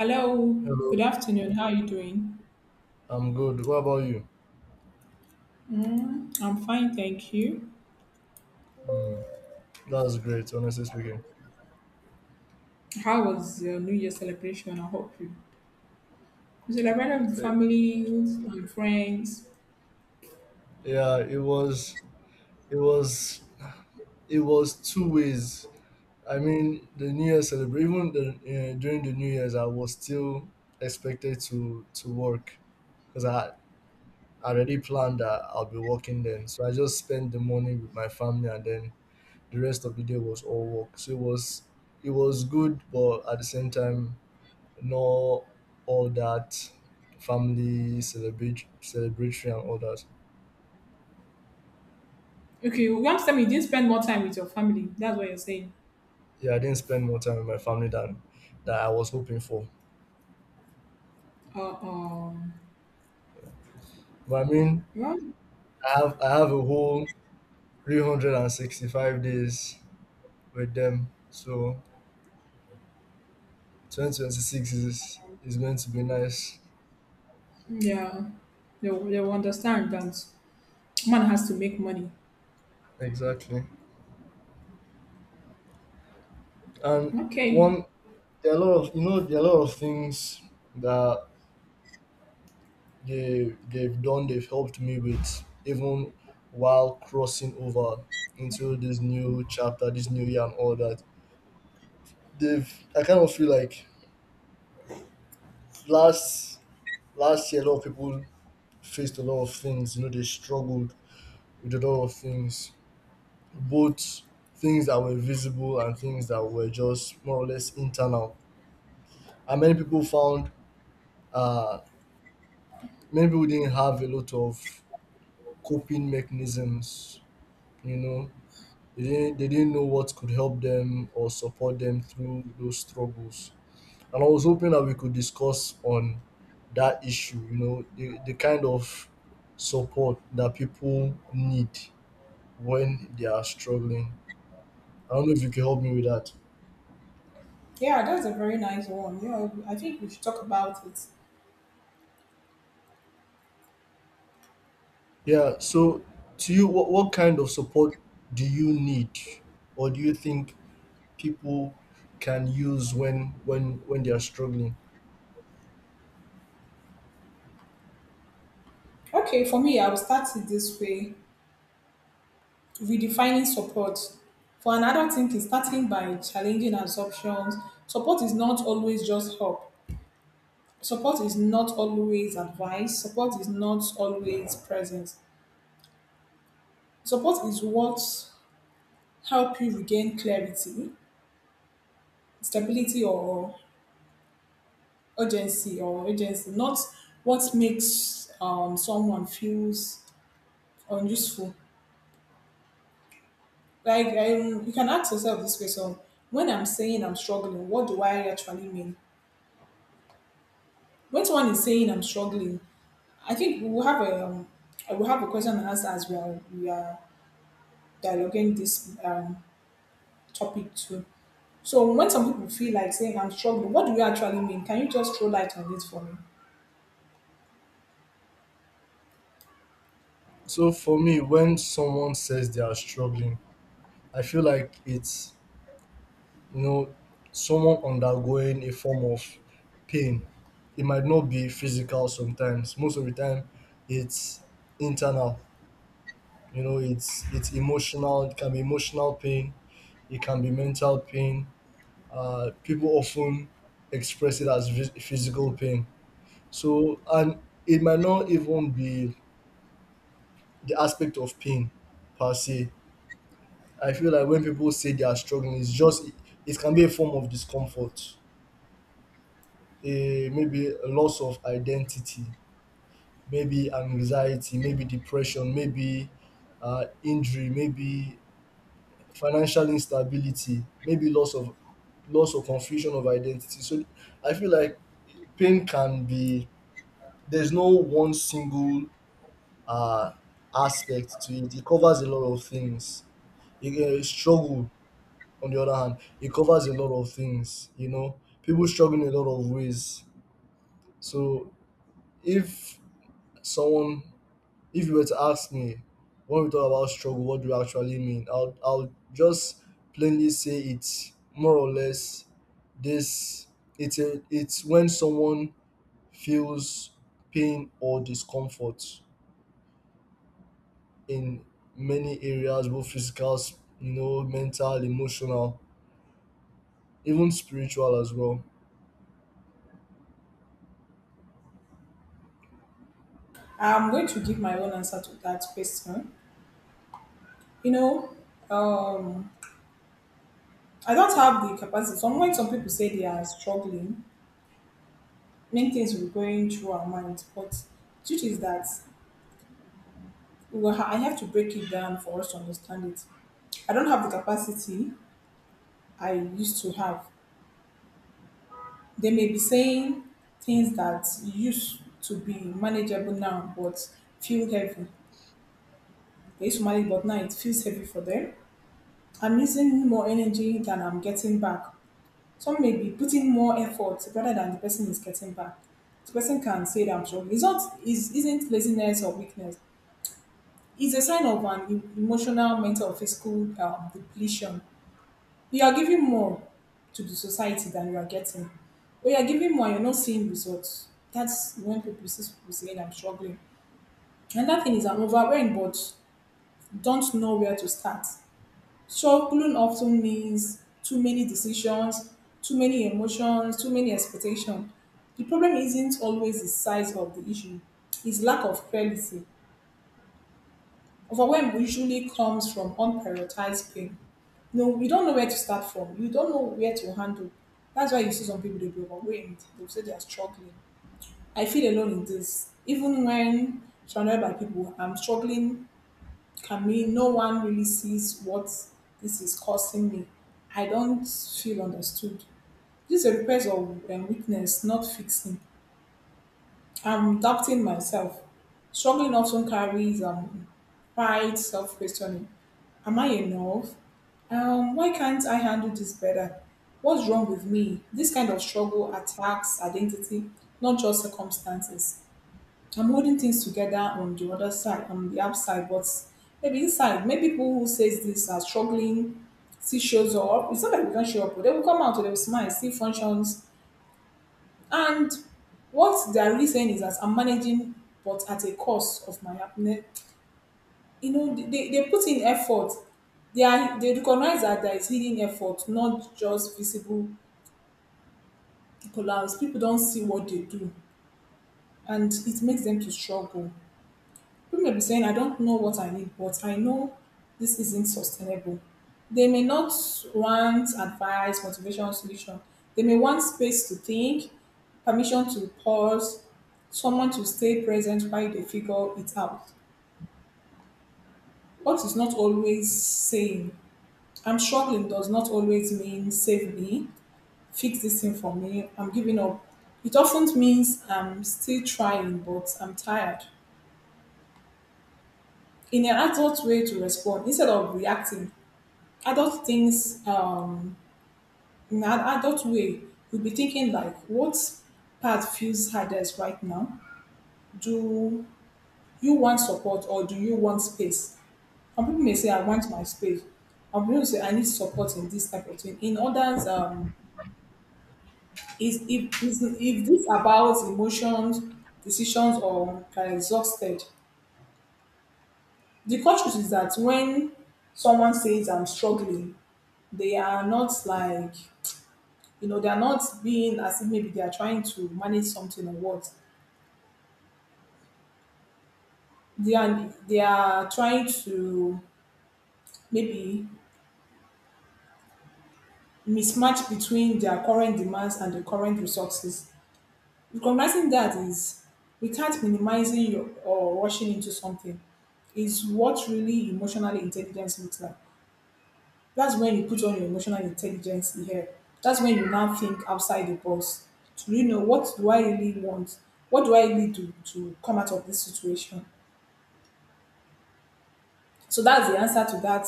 Hello, good Hello, afternoon. How are you doing? I'm good. What about you? Mm, I'm fine, thank you. Mm, that's great, honestly speaking. How was your New Year celebration? I hope you celebrated with families and friends. Yeah, it was, it was, it was two ways. I mean, the New Year celebration, even during the New Year's, I was still expected to work because I already planned that I'll be working then. So I just spent the morning with my family, and then the rest of the day was all work. So it was good, but at the same time, know all that family celebratory and all that. Okay, you want to tell me you didn't spend more time with your family. That's what you're saying. Yeah, I didn't spend more time with my family than that I was hoping for. Uh, um, But I mean, well, I have a whole 365 days with them. So 2026 is going to be nice. yeah, they'll understand that man has to make money. Exactly. And Okay. one, there are a lot of, you know, there are a lot of things that they they've done, they've helped me with, even while crossing over into this new chapter, this new year, and all that they've. I kind of feel like last last year a lot of people faced a lot of things, you know, they struggled with a lot of things, both things that were visible and things that were just more or less internal. And many people found, uh many people didn't have a lot of coping mechanisms, you know. They didn't, they didn't know what could help them or support them through those struggles. And I was hoping that we could discuss on that issue, you know, the kind of support that people need when they are struggling. I don't know if you can help me with that. Yeah, that's a very nice one. Yeah, I think we should talk about it. Yeah, so to you, what kind of support do you need, or do you think people can use when they are struggling? Okay, for me, I'll start it this way. Redefining support for an adult, thinking, starting by challenging assumptions. Support is not always just help, support is not always advice, support is not always presence. Support is what help you regain clarity, stability, or urgency, or urgency not, what makes someone feels unuseful. Like, you can ask yourself this question: when I'm saying I'm struggling, what do I actually mean? When someone is saying I'm struggling, I think we will have a I will have a question and answer as we are dialoguing this topic too. So when some people feel like saying I'm struggling, what do you actually mean? Can you just throw light on this for me? So for me, when someone says they are struggling, I feel like it's, you know, someone undergoing a form of pain. It might not be physical. Sometimes, most of the time, it's internal. You know, it's emotional. It can be emotional pain. It can be mental pain. People often express it as physical pain. So, and it might not even be the aspect of pain per se. I feel like when people say they are struggling, it can be a form of discomfort, a maybe a loss of identity, maybe anxiety, maybe depression, maybe injury, maybe financial instability, maybe loss or confusion of identity. So I feel like pain can be, there's no one single uh, aspect to it. It covers a lot of things. Struggle, on the other hand, it covers a lot of things. You know, people struggle in a lot of ways. So if someone if you were to ask me, when we talk about struggle, what do you actually mean? I'll just plainly say it's more or less this it's it's when someone feels pain or discomfort in many areas, both physical, you know, mental, emotional, even spiritual as well. I'm going to give my own answer to that question. You know, um, I don't have the capacity. Some when some people say they are struggling, many things will going through our minds. But truth is that, well, I have to break it down for us to understand it. I don't have the capacity I used to have. They may be saying things that used to be manageable now but feel heavy. They used to manage, but now it feels heavy for them. I'm using more energy than I'm getting back. Some may be putting more effort rather than the person is getting back. The person can say that I'm struggling. It's not, is isn't laziness or weakness. It's a sign of an emotional, mental, or physical depletion. You are giving more to the society than you are getting. When you're giving more, you're not seeing results. That's when people see people saying I'm struggling. Another thing is, I'm overwhelmed but don't know where to start. Struggling often means too many decisions, too many emotions, too many expectations. The problem isn't always the size of the issue, it's lack of clarity. Overwhelm usually comes from unprioritized pain. You know, you don't know where to start from. You don't know where to handle. That's why you see some people they be overwhelmed. They'll say they are struggling. I feel alone in this. Even when surrounded by people, I'm struggling. Can mean no one really sees what this is causing me. I don't feel understood. This is a request of weakness, not fixing. I'm doubting myself. Struggling often carries pride, self questioning. Am I enough? Why can't I handle this better? What's wrong with me? This kind of struggle attacks identity, not just circumstances. I'm holding things together on the other side, on the outside, but maybe inside, maybe people who says this are struggling, still shows up. It's not that we can't show up, but they will come out, they will smile, still functions, and what they are really saying is that I'm managing, but at a cost of my happiness. You know, they put in effort. They recognize that there is hidden effort, not just visible collapse. People don't see what they do, and it makes them to struggle. People may be saying, I don't know what I need, but I know this isn't sustainable. They may not want advice, motivation, solution. They may want space to think, permission to pause, someone to stay present while they figure it out. What is not always saying, I'm struggling does not always mean save me, fix this thing for me, I'm giving up. It often means I'm still trying, but I'm tired. In an adult way to respond, instead of reacting, adult things in an adult way, you'll be thinking like what part feels hardest right now. Do you want support or do you want space? Some people may say I want my space, some people say I need support in this type of thing in others. Is if this about emotions, decisions, or are exhausted. The culture is that when someone says I'm struggling, they are not like, you know, they're not being as if maybe they are trying to manage something, or what they are trying to, maybe, mismatch between their current demands and the current resources. Recognizing that is without minimizing your, or rushing into something, is what really emotional intelligence looks like. That's when you put on your emotional intelligence here. That's when you now think outside the box to really know, what do I really want? What do I need to come out of this situation? So that's the answer to that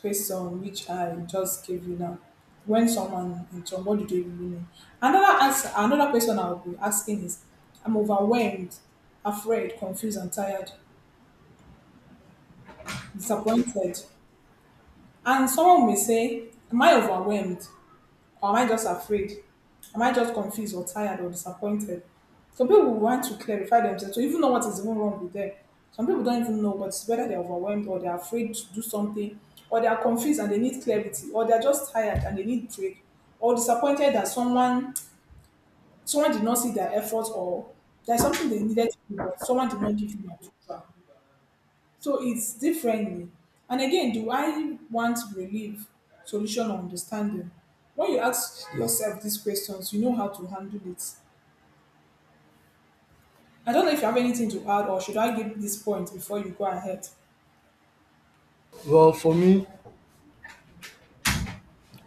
question which I just gave you now. When someone in trouble, what do they really mean? Another answer, another question I'll be asking is, I'm overwhelmed, afraid, confused, and tired, disappointed. And someone may say, am I overwhelmed? Or am I just afraid? Am I just confused or tired or disappointed? Some people want to clarify themselves to even know what is even wrong with them. Some people don't even know what's, whether they're overwhelmed or they're afraid to do something, or they are confused and they need clarity, or they're just tired and they need break, or disappointed that someone did not see their efforts, or there's something they needed to do, but someone did not give them a try. So it's differently. And again, do I want relief, solution, or understanding? When you ask yourself these questions, you know how to handle it. I don't know if you have anything to add, or should I give this point before you go ahead? Well, for me,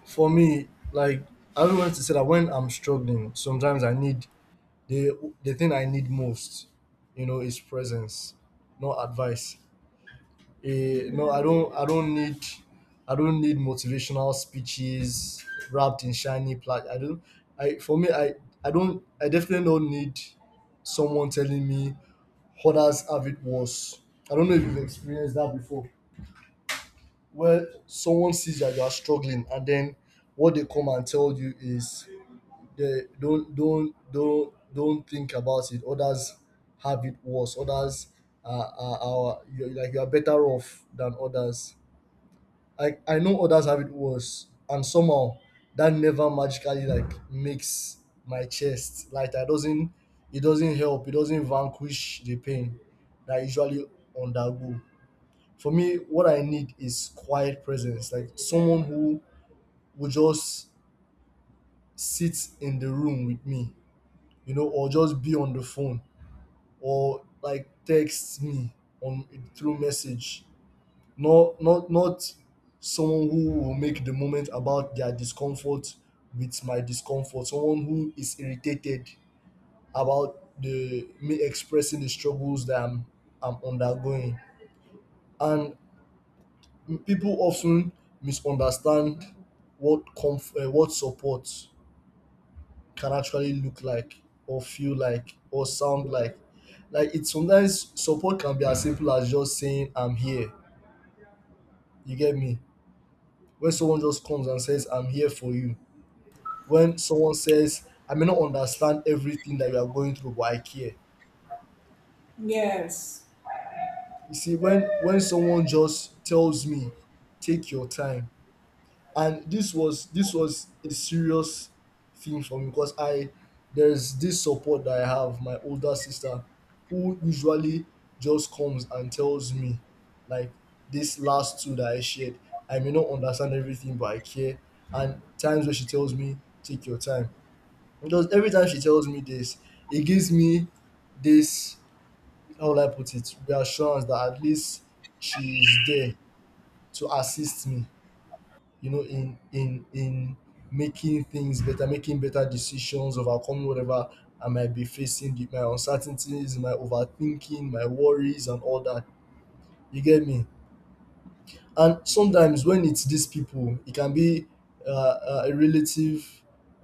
for me, like, I don't want to say that when I'm struggling, sometimes I need the the thing I need most, you know, is presence, not advice. Eh, no, I don't need, I don't need motivational speeches wrapped in shiny plaid. I don't I, for me, I don't, I definitely don't need someone telling me others have it worse. I don't know if you've experienced that before, where someone sees that you are struggling, and then what they come and tell you is, they don't think about it, others have it worse, others are, you're, like, you're better off than others. I know others have it worse, and somehow that never magically like makes my chest lighter. That doesn't, it doesn't help, it doesn't vanquish the pain that I usually undergo. For me, what I need is quiet presence, like someone who would just sit in the room with me, you know, or just be on the phone, or like text me on through message. Not not someone who will make the moment about their discomfort with my discomfort. Someone who is irritated about the me expressing the struggles that I'm undergoing. And people often misunderstand what what support can actually look like, or feel like, or sound like. Like, it, sometimes support can be as simple as just saying, I'm here, you get me. When someone just comes and says, I'm here for you. When someone says, I may not understand everything that you are going through, but I care. Yes. You see, when someone just tells me, take your time. And this was a serious thing for me, because I, there's this support that I have. My older sister, who usually just comes and tells me, like, this last two that I shared, I may not understand everything, but I care. And times when she tells me, take your time, because every time she tells me this, it gives me this, how will I put it, reassurance that at least she is there to assist me, you know, in making things better, making better decisions, overcoming whatever I might be facing, my uncertainties, my overthinking, my worries, and all that. You get me? And sometimes when it's these people, it can be a relative,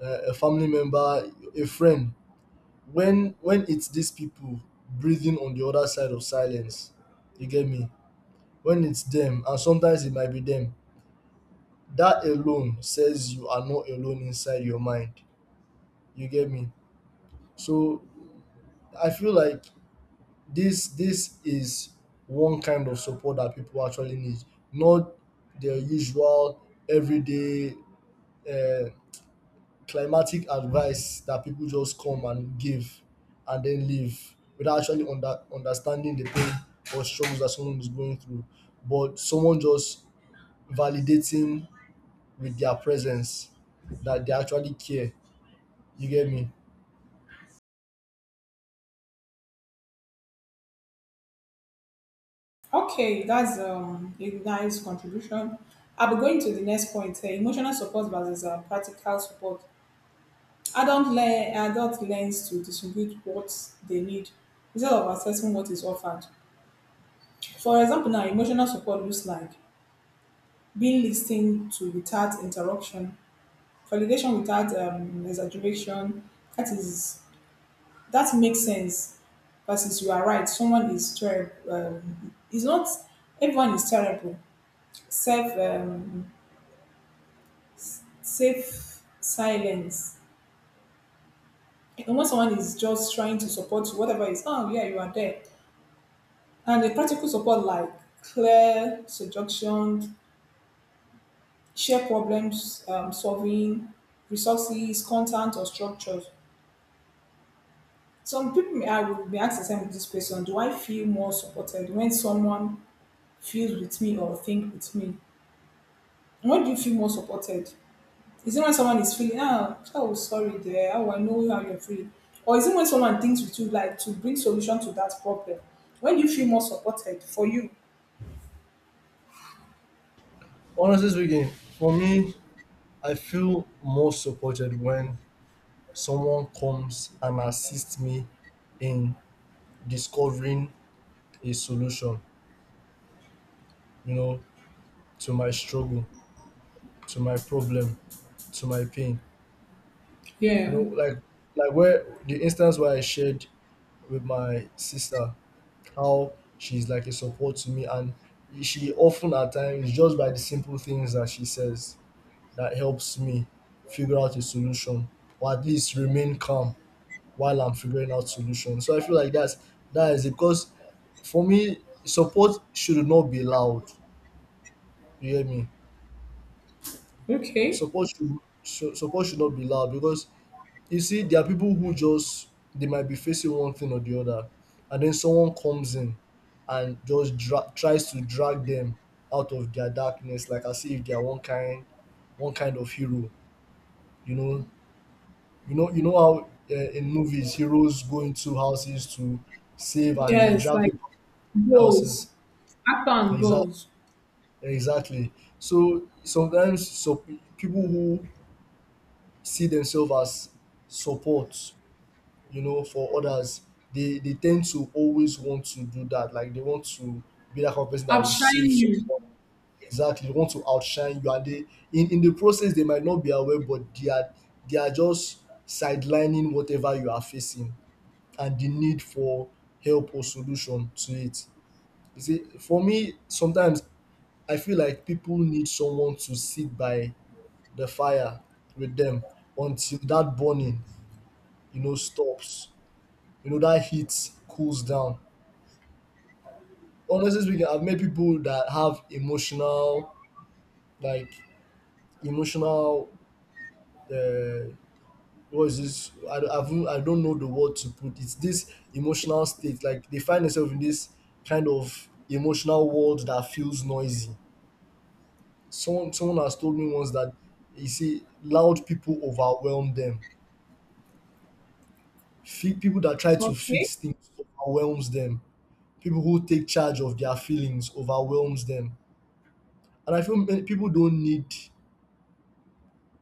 a family member, a friend. When it's these people breathing on the other side of silence, you get me? When it's them, and sometimes it might be them, that alone says, you are not alone inside your mind, you get me? So I feel like this is one kind of support that people actually need, not the usual everyday uh, climatic advice that people just come and give, and then leave without actually understanding the pain or struggles that someone is going through, but someone just validating with their presence that they actually care. You get me? Okay, that's a nice contribution. I'll be going to the next point here, emotional support versus practical support. Adult, le- adult learns to distinguish what they need instead of assessing what is offered. For example, now emotional support looks like being lis to without interruption, validation without exaggeration, that is, that makes sense, versus you are right, someone is terrible, is not everyone is terrible, self, safe silence, and when someone is just trying to support you, whatever is, oh yeah, you are there. And the practical support, like clear suggestions, share problems, solving resources, content, or structures. Some people may, I would be asked themselves this question: do I feel more supported when someone feels with me or think with me? And when do you feel more supported? Is it when someone is feeling, ah, oh, sorry, there, oh, I know how you're feeling? Or is it when someone thinks with you, like to bring solution to that problem? When do you feel more supported for you? Honestly speaking, for me, I feel more supported when someone comes and assists me in discovering a solution, you know, to my struggle, to my problem, to my pain. You Yeah. know, like, where the instance where I shared with my sister how she's like a support to me, and she often at times, it's just by the simple things that she says that helps me figure out a solution, or at least remain calm while I'm figuring out solutions. So I feel like that's, that is it, because for me, support should not be loud. You hear me? Okay. Support should So, support should not be loud, because you see there are people who just, they might be facing one thing or the other, and then someone comes in and just tries to drag them out of their darkness, like as if they are one kind, one kind of hero, you know. You know, you know how, in movies, heroes go into houses to save and they Yes, drag like people in houses. goals. Act on Exactly, goals. exactly. So sometimes, so people who see themselves as support, you know, for others, they tend to always want to do that. Like, they want to be that kind of person that I'm will save shining you. someone. Exactly, they want to outshine you, and they, in the process, they might not be aware, but they are, they are just sidelining whatever you are facing, and the need for help or solution to it. You see, for me, sometimes I feel like people need someone to sit by the fire with them until that burning, you know, stops. You know, that heat cools down. Honestly speaking, I've met people that have emotional, like, emotional uh, Was this I, I've, I don't know the word to put it's this emotional state like they find themselves in this kind of emotional world that feels noisy. Someone has told me once that you see loud people overwhelm them. People that try to Okay. fix things overwhelms them, people who take charge of their feelings overwhelms them. And I feel many people don't need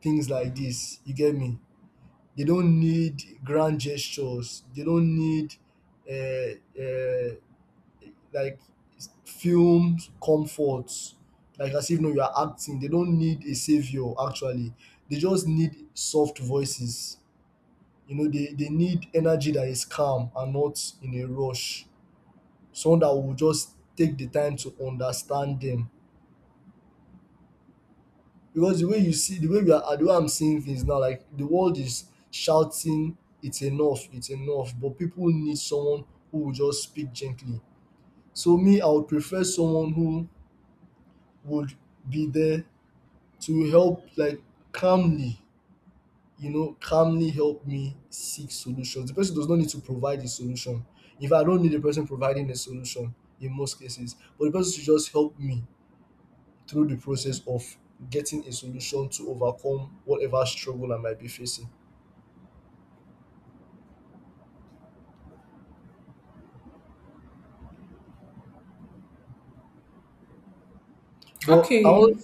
things like this, you get me? They don't need grand gestures, they don't need uh, uh, like film comforts, like as if no you are acting, they don't need a savior actually. They just need soft voices, you know, they need energy that is calm and not in a rush, someone that will just take the time to understand them. Because the way you see, the way we are, the way I'm seeing things now, like the world is shouting it's enough, it's enough, but people need someone who will just speak gently. So me, I would prefer someone who would be there to help, like, calmly, you know, calmly help me seek solutions. The person does not need to provide a solution, if I don't need the person providing a solution, in most cases. But the person should just help me through the process of getting a solution to overcome whatever struggle I might be facing. But I want, Okay.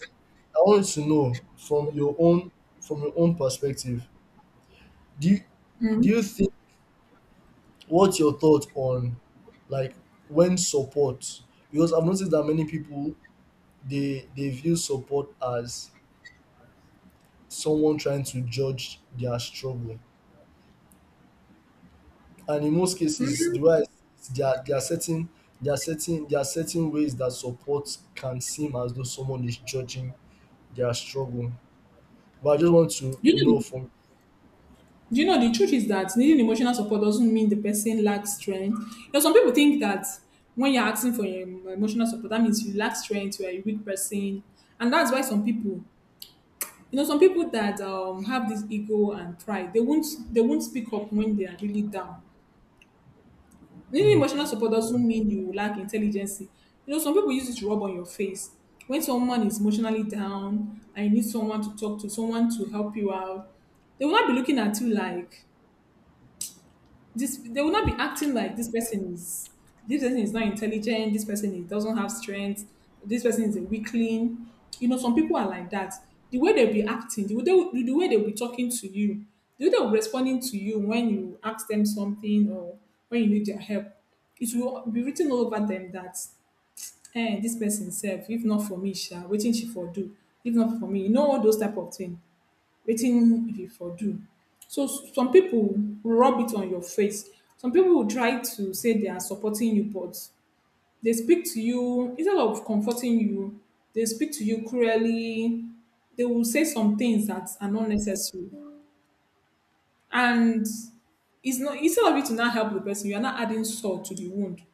I want to know from your own, from your own perspective, do you, Mm. do you think, what's your thought on, like, when support, because I've noticed that many people, they view support as someone trying to judge their struggle. And in most cases, the way I see it, there are certain ways that support can seem as though someone is judging their struggle. But I just want to You know, know from do you know the truth is that needing emotional support doesn't mean the person lacks strength. You know, some people think that when you're asking for emotional support, that means you lack strength, you're a weak person, and that's why some people, you know, some people that have this ego and pride, they won't speak up when they are really down. Needing mm, emotional support doesn't mean you lack intelligence. You know, some people use it to rub on your face. When someone is emotionally down and you need someone to talk to, someone to help you out, they will not be looking at you like this. They will not be acting like this person is not intelligent, this person is, doesn't have strength, this person is a weakling. You know, some people are like that. The way they'll be acting, the way they'll be talking to you, the way they'll be responding to you when you ask them something or when you need their help, it will be written all over them that, eh, this person self, if not for me sha, waiting she for do, if not for me, you know, all those type of thing, wetin you for do. So some people will rub it on your face. Some people will try to say they are supporting you, but they speak to you instead of comforting you, they speak to you cruelly. They will say some things that are not necessary. And it's not instead of you to not help the person, you are not adding salt to the wound.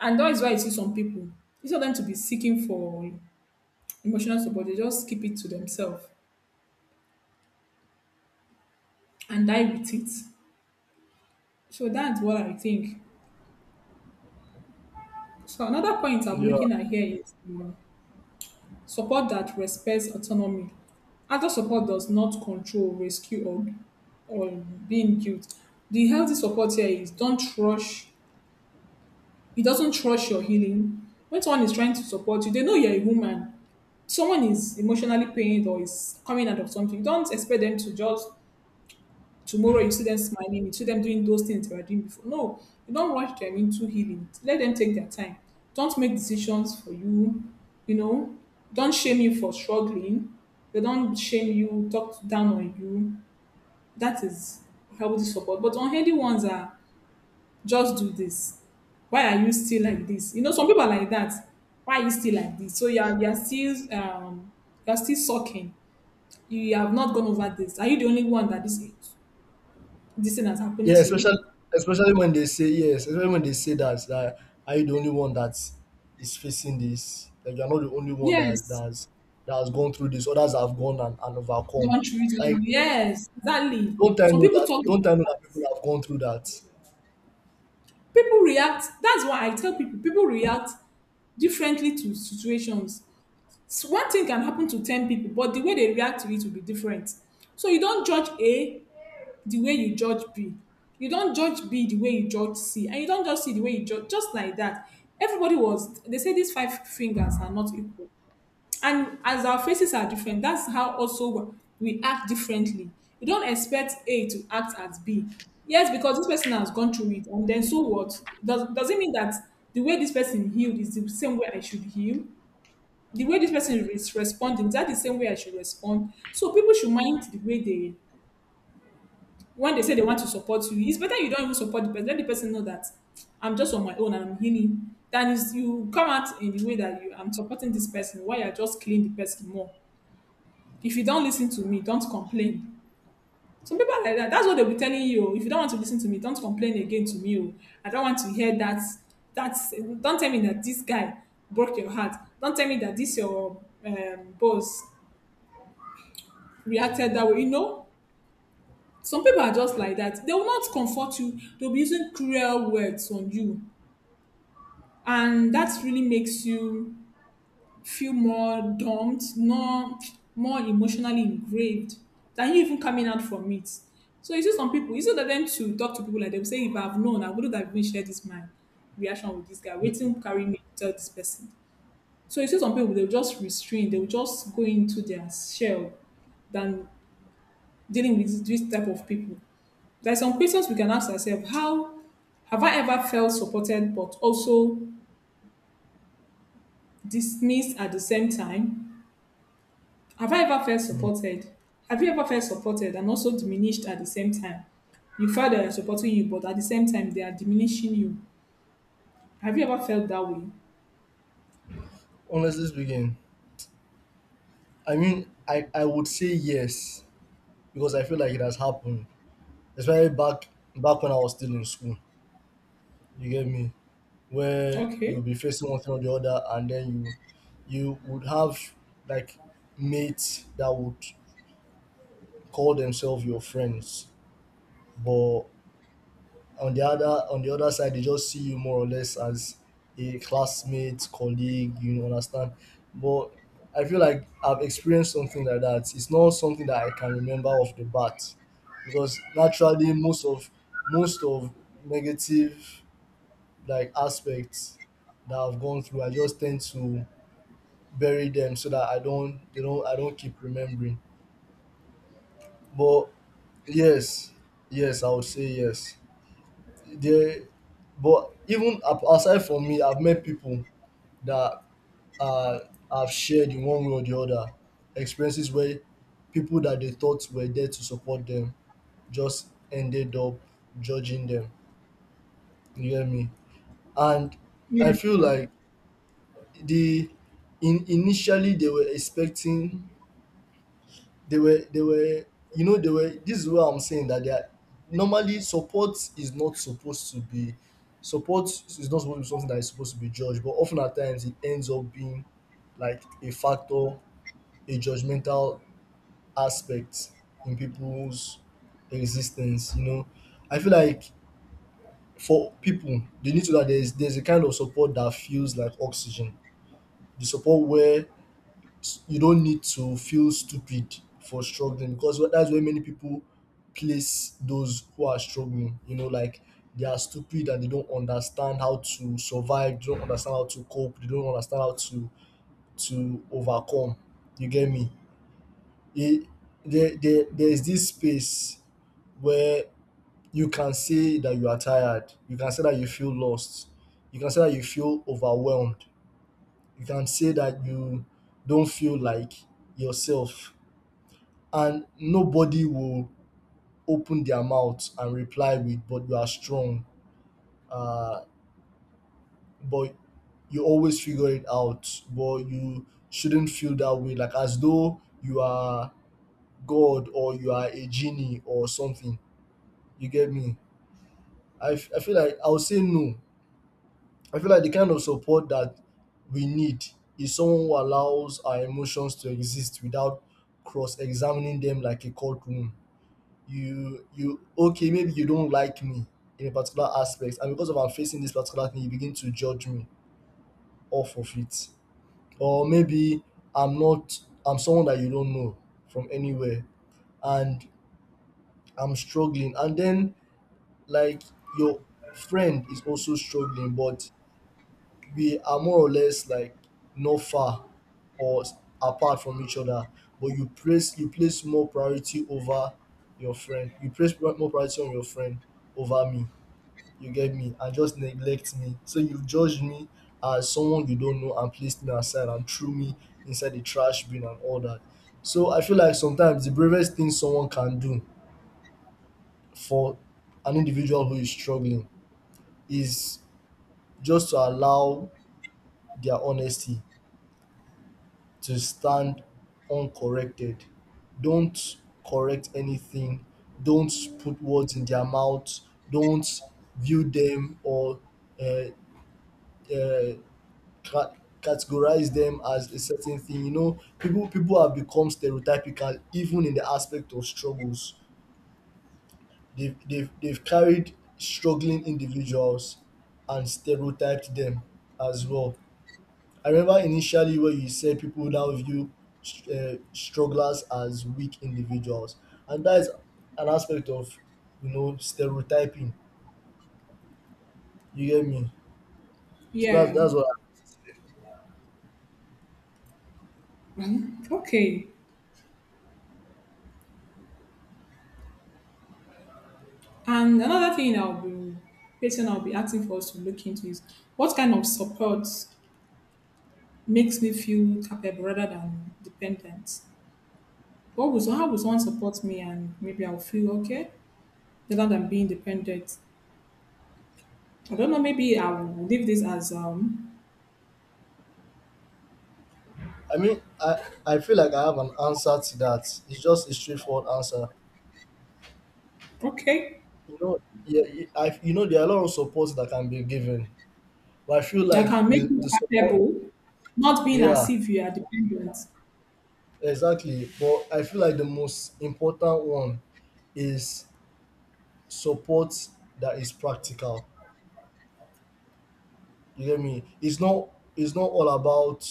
And that is why you see some people, instead of them to be seeking for emotional support, they just keep it to themselves and die with it. So that's what I think. So another point I'll be yeah. looking at here is support that respects autonomy. Adult support does not control, rescue, or or being guilt. The healthy support here is don't rush. It doesn't rush your healing. When someone is trying to support you, they know you're a woman. Someone is emotionally pained or is coming out of something. Don't expect them to just tomorrow you see them smiling, you see them doing those things they were doing before. No, you don't rush them into healing. Let them take their time. Don't make decisions for you. You know, don't shame you for struggling. They don't shame you, talk down on you. That is healthy support. But unhealthy ones are just do this. Why are you still like this? You know, some people are like that. Why are you still like this? So you are still you are still sucking. You have not gone over this. Are you the only one that this thing has happened Yeah, especially, to? especially when they say, yes, especially when they say that, that are you the only one that is facing this, like you're not the only one that Yes, that has gone through this, others have gone and overcome, don't treat. like, Yes, exactly. don't I Some know people that? talk, Don't I know that people have gone through that? people react. That's why I tell people, people react differently to situations. So one thing can happen to 10 people, but the way they react to it will be different. So you don't judge A the way you judge B. You don't judge B the way you judge C. And you don't judge C the way you judge, just like that. Everybody was, they say these five fingers are not equal. And as our faces are different, that's how also we act differently. You don't expect A to act as B. Yes, because this person has gone through it, and then so what? Does it mean that the way this person healed is the same way I should heal? The way this person is responding, is that the same way I should respond? So people should mind the way they when they say they want to support you. It's better you don't even support the person. Let the person know that I'm just on my own and I'm healing. Than is you come out in the way that you I'm supporting this person while you're just killing the person more. If you don't listen to me, don't complain. Some people are like that. That's what they'll be telling you. Oh. If you don't want to listen to me, don't complain again to me. Oh. I don't want to hear that. That's don't tell me that this guy broke your heart. Don't tell me that this your boss reacted that way. You know, some people are just like that. They will not comfort you. They'll be using cruel words on you, and that really makes you feel more dumped, more, more emotionally engraved than you even coming out from it. So you see some people, instead of them to talk to people like them, say, if I've known, I wouldn't have even shared this my reaction with this guy, waiting carry me to tell this person. So you see some people, they'll just restrain, they'll just go into their shell than dealing with this type of people. There are some questions we can ask ourselves. How have I ever felt supported but also dismissed at the same time? Have I ever felt Mm. supported? Have you ever felt supported and also diminished at the same time? You felt they are supporting you, but at the same time, they are diminishing you. Have you ever felt that way? Honestly speaking, I mean, I would say yes, because I feel like it has happened, especially back when I was still in school. You get me? Where you'll Okay. be facing one thing or the other, and then you would have, like, mates that would call themselves your friends, but on the other side they just see you more or less as a classmate, colleague, you understand. But I feel like I've experienced something like that. It's not something that I can remember off the bat, because naturally most of negative, like, aspects that I've gone through, I just tend to bury them so that I don't keep remembering. But yes, yes, I would say yes. There, but even aside from me, I've met people that uh, have shared in one way or the other experiences where people that they thought were there to support them just ended up judging them. You hear me? And I feel Yeah. like the initially they were expecting, they were you know, they were, this is what I'm saying, that they are, normally support is not supposed to be, support is not supposed to be something that is supposed to be judged, but often at times it ends up being, like, a factor, a judgmental aspect in people's existence, you know. I feel like for people, they need to know that there's a kind of support that feels like oxygen, the support where you don't need to feel stupid for struggling, because that's where many people place those who are struggling. You know, like they are stupid and they don't understand how to survive, they don't understand how to cope, they don't understand how to overcome. You get me? It, there is this space where you can say that you are tired, you can say that you feel lost, you can say that you feel overwhelmed, you can say that you don't feel like yourself, and nobody will open their mouth and reply with, but you are strong, uh, but you always figure it out, but you shouldn't feel that way, like as though you are God or you are a genie or something. You get me? I feel like I'll say no, I feel like the kind of support that we need is someone who allows our emotions to exist without cross-examining them like a courtroom. You okay, maybe you don't like me in a particular aspect, and because of I'm facing this particular thing, you begin to judge me off of it. Or maybe I'm not, I'm someone that you don't know from anywhere, and I'm struggling, and then, like, your friend is also struggling, but we are more or less like not far, or apart from each other, but you place more priority over your friend, you place more priority on your friend over me. You get me? And just neglect me. So you judged me as someone you don't know and placed me aside and threw me inside the trash bin and all that. So I feel like sometimes the bravest thing someone can do for an individual who is struggling is just to allow their honesty to stand uncorrected. Don't correct anything. Don't put words in their mouth. Don't view them or uh, uh, ca- categorize them as a certain thing. You know, people have become stereotypical even in the aspect of struggles. They've carried struggling individuals and stereotyped them as well. I remember initially where you said people now view strugglers as weak individuals, and that is an aspect of, you know, stereotyping. You get me? So Yeah. that's what Okay. And another thing I'll be person I'll be asking for us to look into is what kind of support makes me feel capable rather than dependent? What was how would someone support me and maybe I'll feel okay rather than being dependent? I don't know, maybe I'll leave this as um. I mean. I feel like I have an answer to that. It's just a straightforward answer. Okay. You know, yeah, you, I, you know, there are a lot of support that can be given, but I feel That like can make the you the support, capable, not being as yeah, if you are dependent. exactly. But I feel like the most important one is support that is practical. You get me? It's not, it's not all about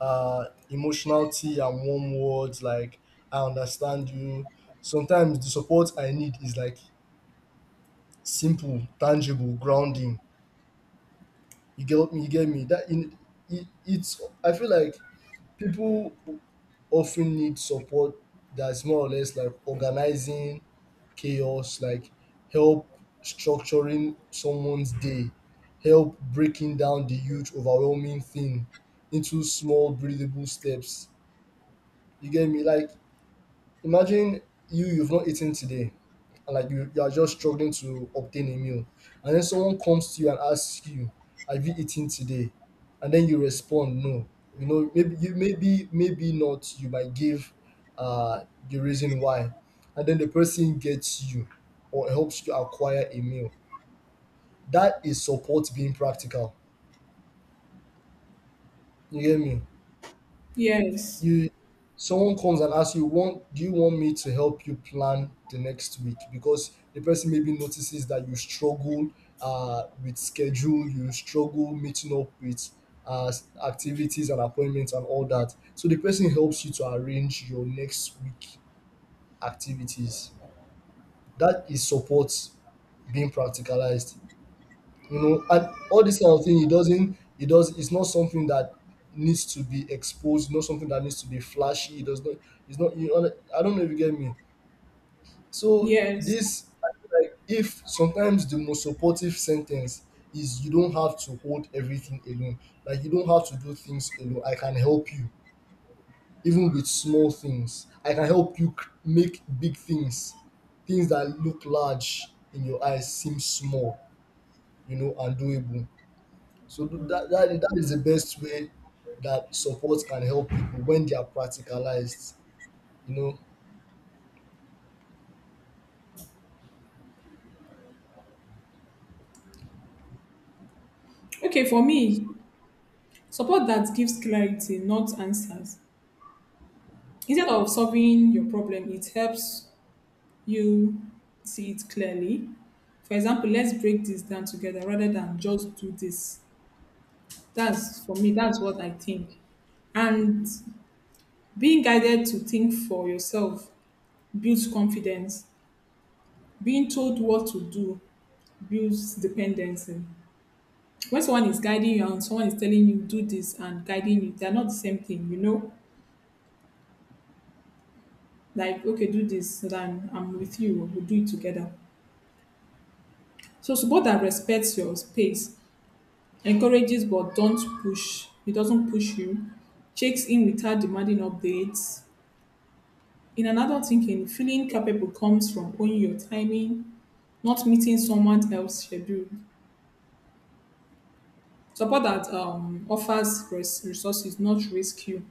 emotional tea and warm words like, I understand you. Sometimes the support I need is like simple, tangible, grounding. You get me? You get me? That in, it, it's, I feel like people often need support that's more or less like organizing chaos, like help structuring someone's day, help breaking down the huge, overwhelming thing into small, breathable steps. You get me? Like, imagine you, you've not eaten today, and like you are just struggling to obtain a meal, and then someone comes to you and asks you, have you eaten today? And then you respond no. You know, maybe you, maybe maybe not, you might give the reason why. And then the person gets you or helps you acquire a meal. That is support being practical. You get me? Yes. You, someone comes and asks you, want, do you want me to help you plan the next week, because the person maybe notices that you struggle with schedule, you struggle meeting up with uh, activities and appointments and all that, so the person helps you to arrange your next week activities. That is support being practicalized, you know. And all this kind of thing, it doesn't, it does, it's not something that needs to be exposed, not something that needs to be flashy, it does not, it's not, you know, I don't know if you get me. So Yes. this, I feel like, if sometimes the most supportive sentence is, you don't have to hold everything alone, like you don't have to do things alone, I can help you, even with small things, I can help you make big things, things that look large in your eyes seem small, you know, and doable. So that that, that is the best way that support can help people when they are practicalized, you know, Okay, for me, support that gives clarity, not answers. Instead of solving your problem, it helps you see it clearly. For example, let's break this down together rather than just do this. That's for me, that's what I think. And being guided to think for yourself builds confidence. Being told what to do builds dependency. When someone is guiding you and someone is telling you do this and guiding you, they're not the same thing, you know? Like, okay, do this, then I'm with you, we'll do it together. So support that respects your space, encourages but don't push. It doesn't push you, checks in without demanding updates. In an adult thinking, feeling capable comes from owning your timing, not meeting someone else's schedule. Support that offers res- resources, not rescue,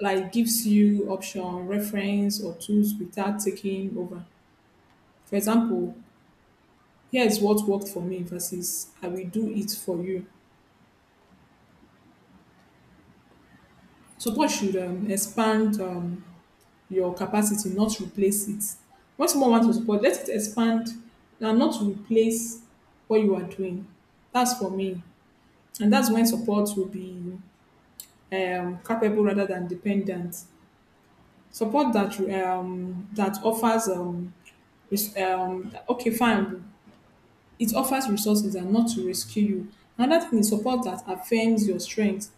like gives you option, reference, or tools without taking over. For example, here is what worked for me versus I will do it for you. Support should expand your capacity, not replace it. When someone wants to support, let it expand and not replace what you are doing. That's for me. And that's when support will be capable rather than dependent. Support that that offers res- okay fine, it offers resources and not to rescue you. Another thing is support that affirms your strength,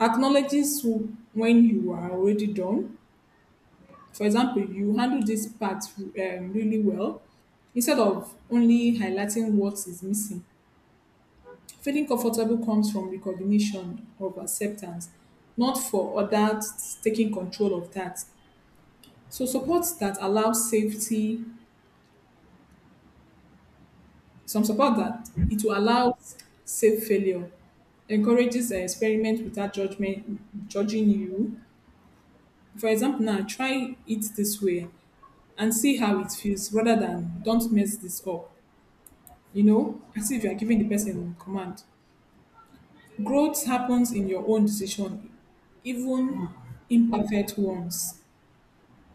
acknowledges who- when you are already done. For example, you handle this part really well instead of only highlighting what is missing. Feeling comfortable comes from recognition of acceptance, not for others taking control of that. So support that allows safety. Some support that it will allow safe failure, encourages experiment without judgment, judging you. For example, now try it this way and see how it feels rather than don't mess this up, you know, as if you are giving the person command. Growth happens in your own decision, even imperfect ones.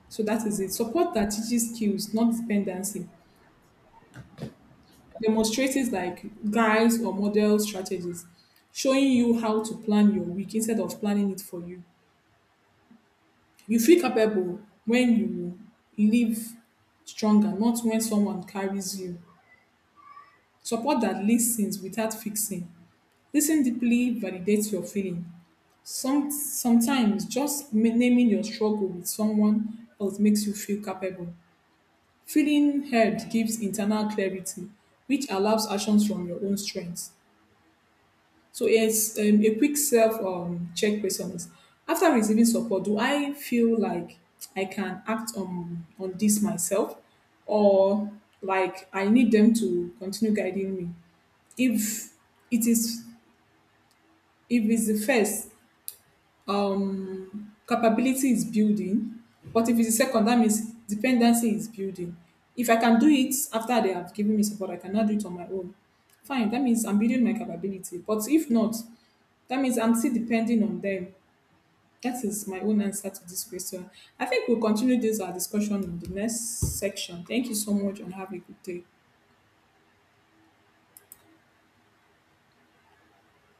So that is it. Support that teaches skills, not dependency. Demonstratives like guides or model strategies, showing you how to plan your week instead of planning it for you. You feel capable when you live stronger, not when someone carries you. Support that listens without fixing. Listen deeply validates your feeling. Sometimes just ma- naming your struggle with someone else makes you feel capable. Feeling heard gives internal clarity, which allows actions from your own strengths. So yes, a quick self check question is: after receiving support, do I feel like I can act on this myself, or like I need them to continue guiding me? If it is if it's the first, um capability is building, but if it's the second, that means dependency is building. If I can do it after they have given me support, I cannot do it on my own, fine, that means I'm building my capability, but if not, that means I'm still depending on them. That is my own answer to this question. I think we'll continue this our discussion in the next section. Thank you so much and have a good day.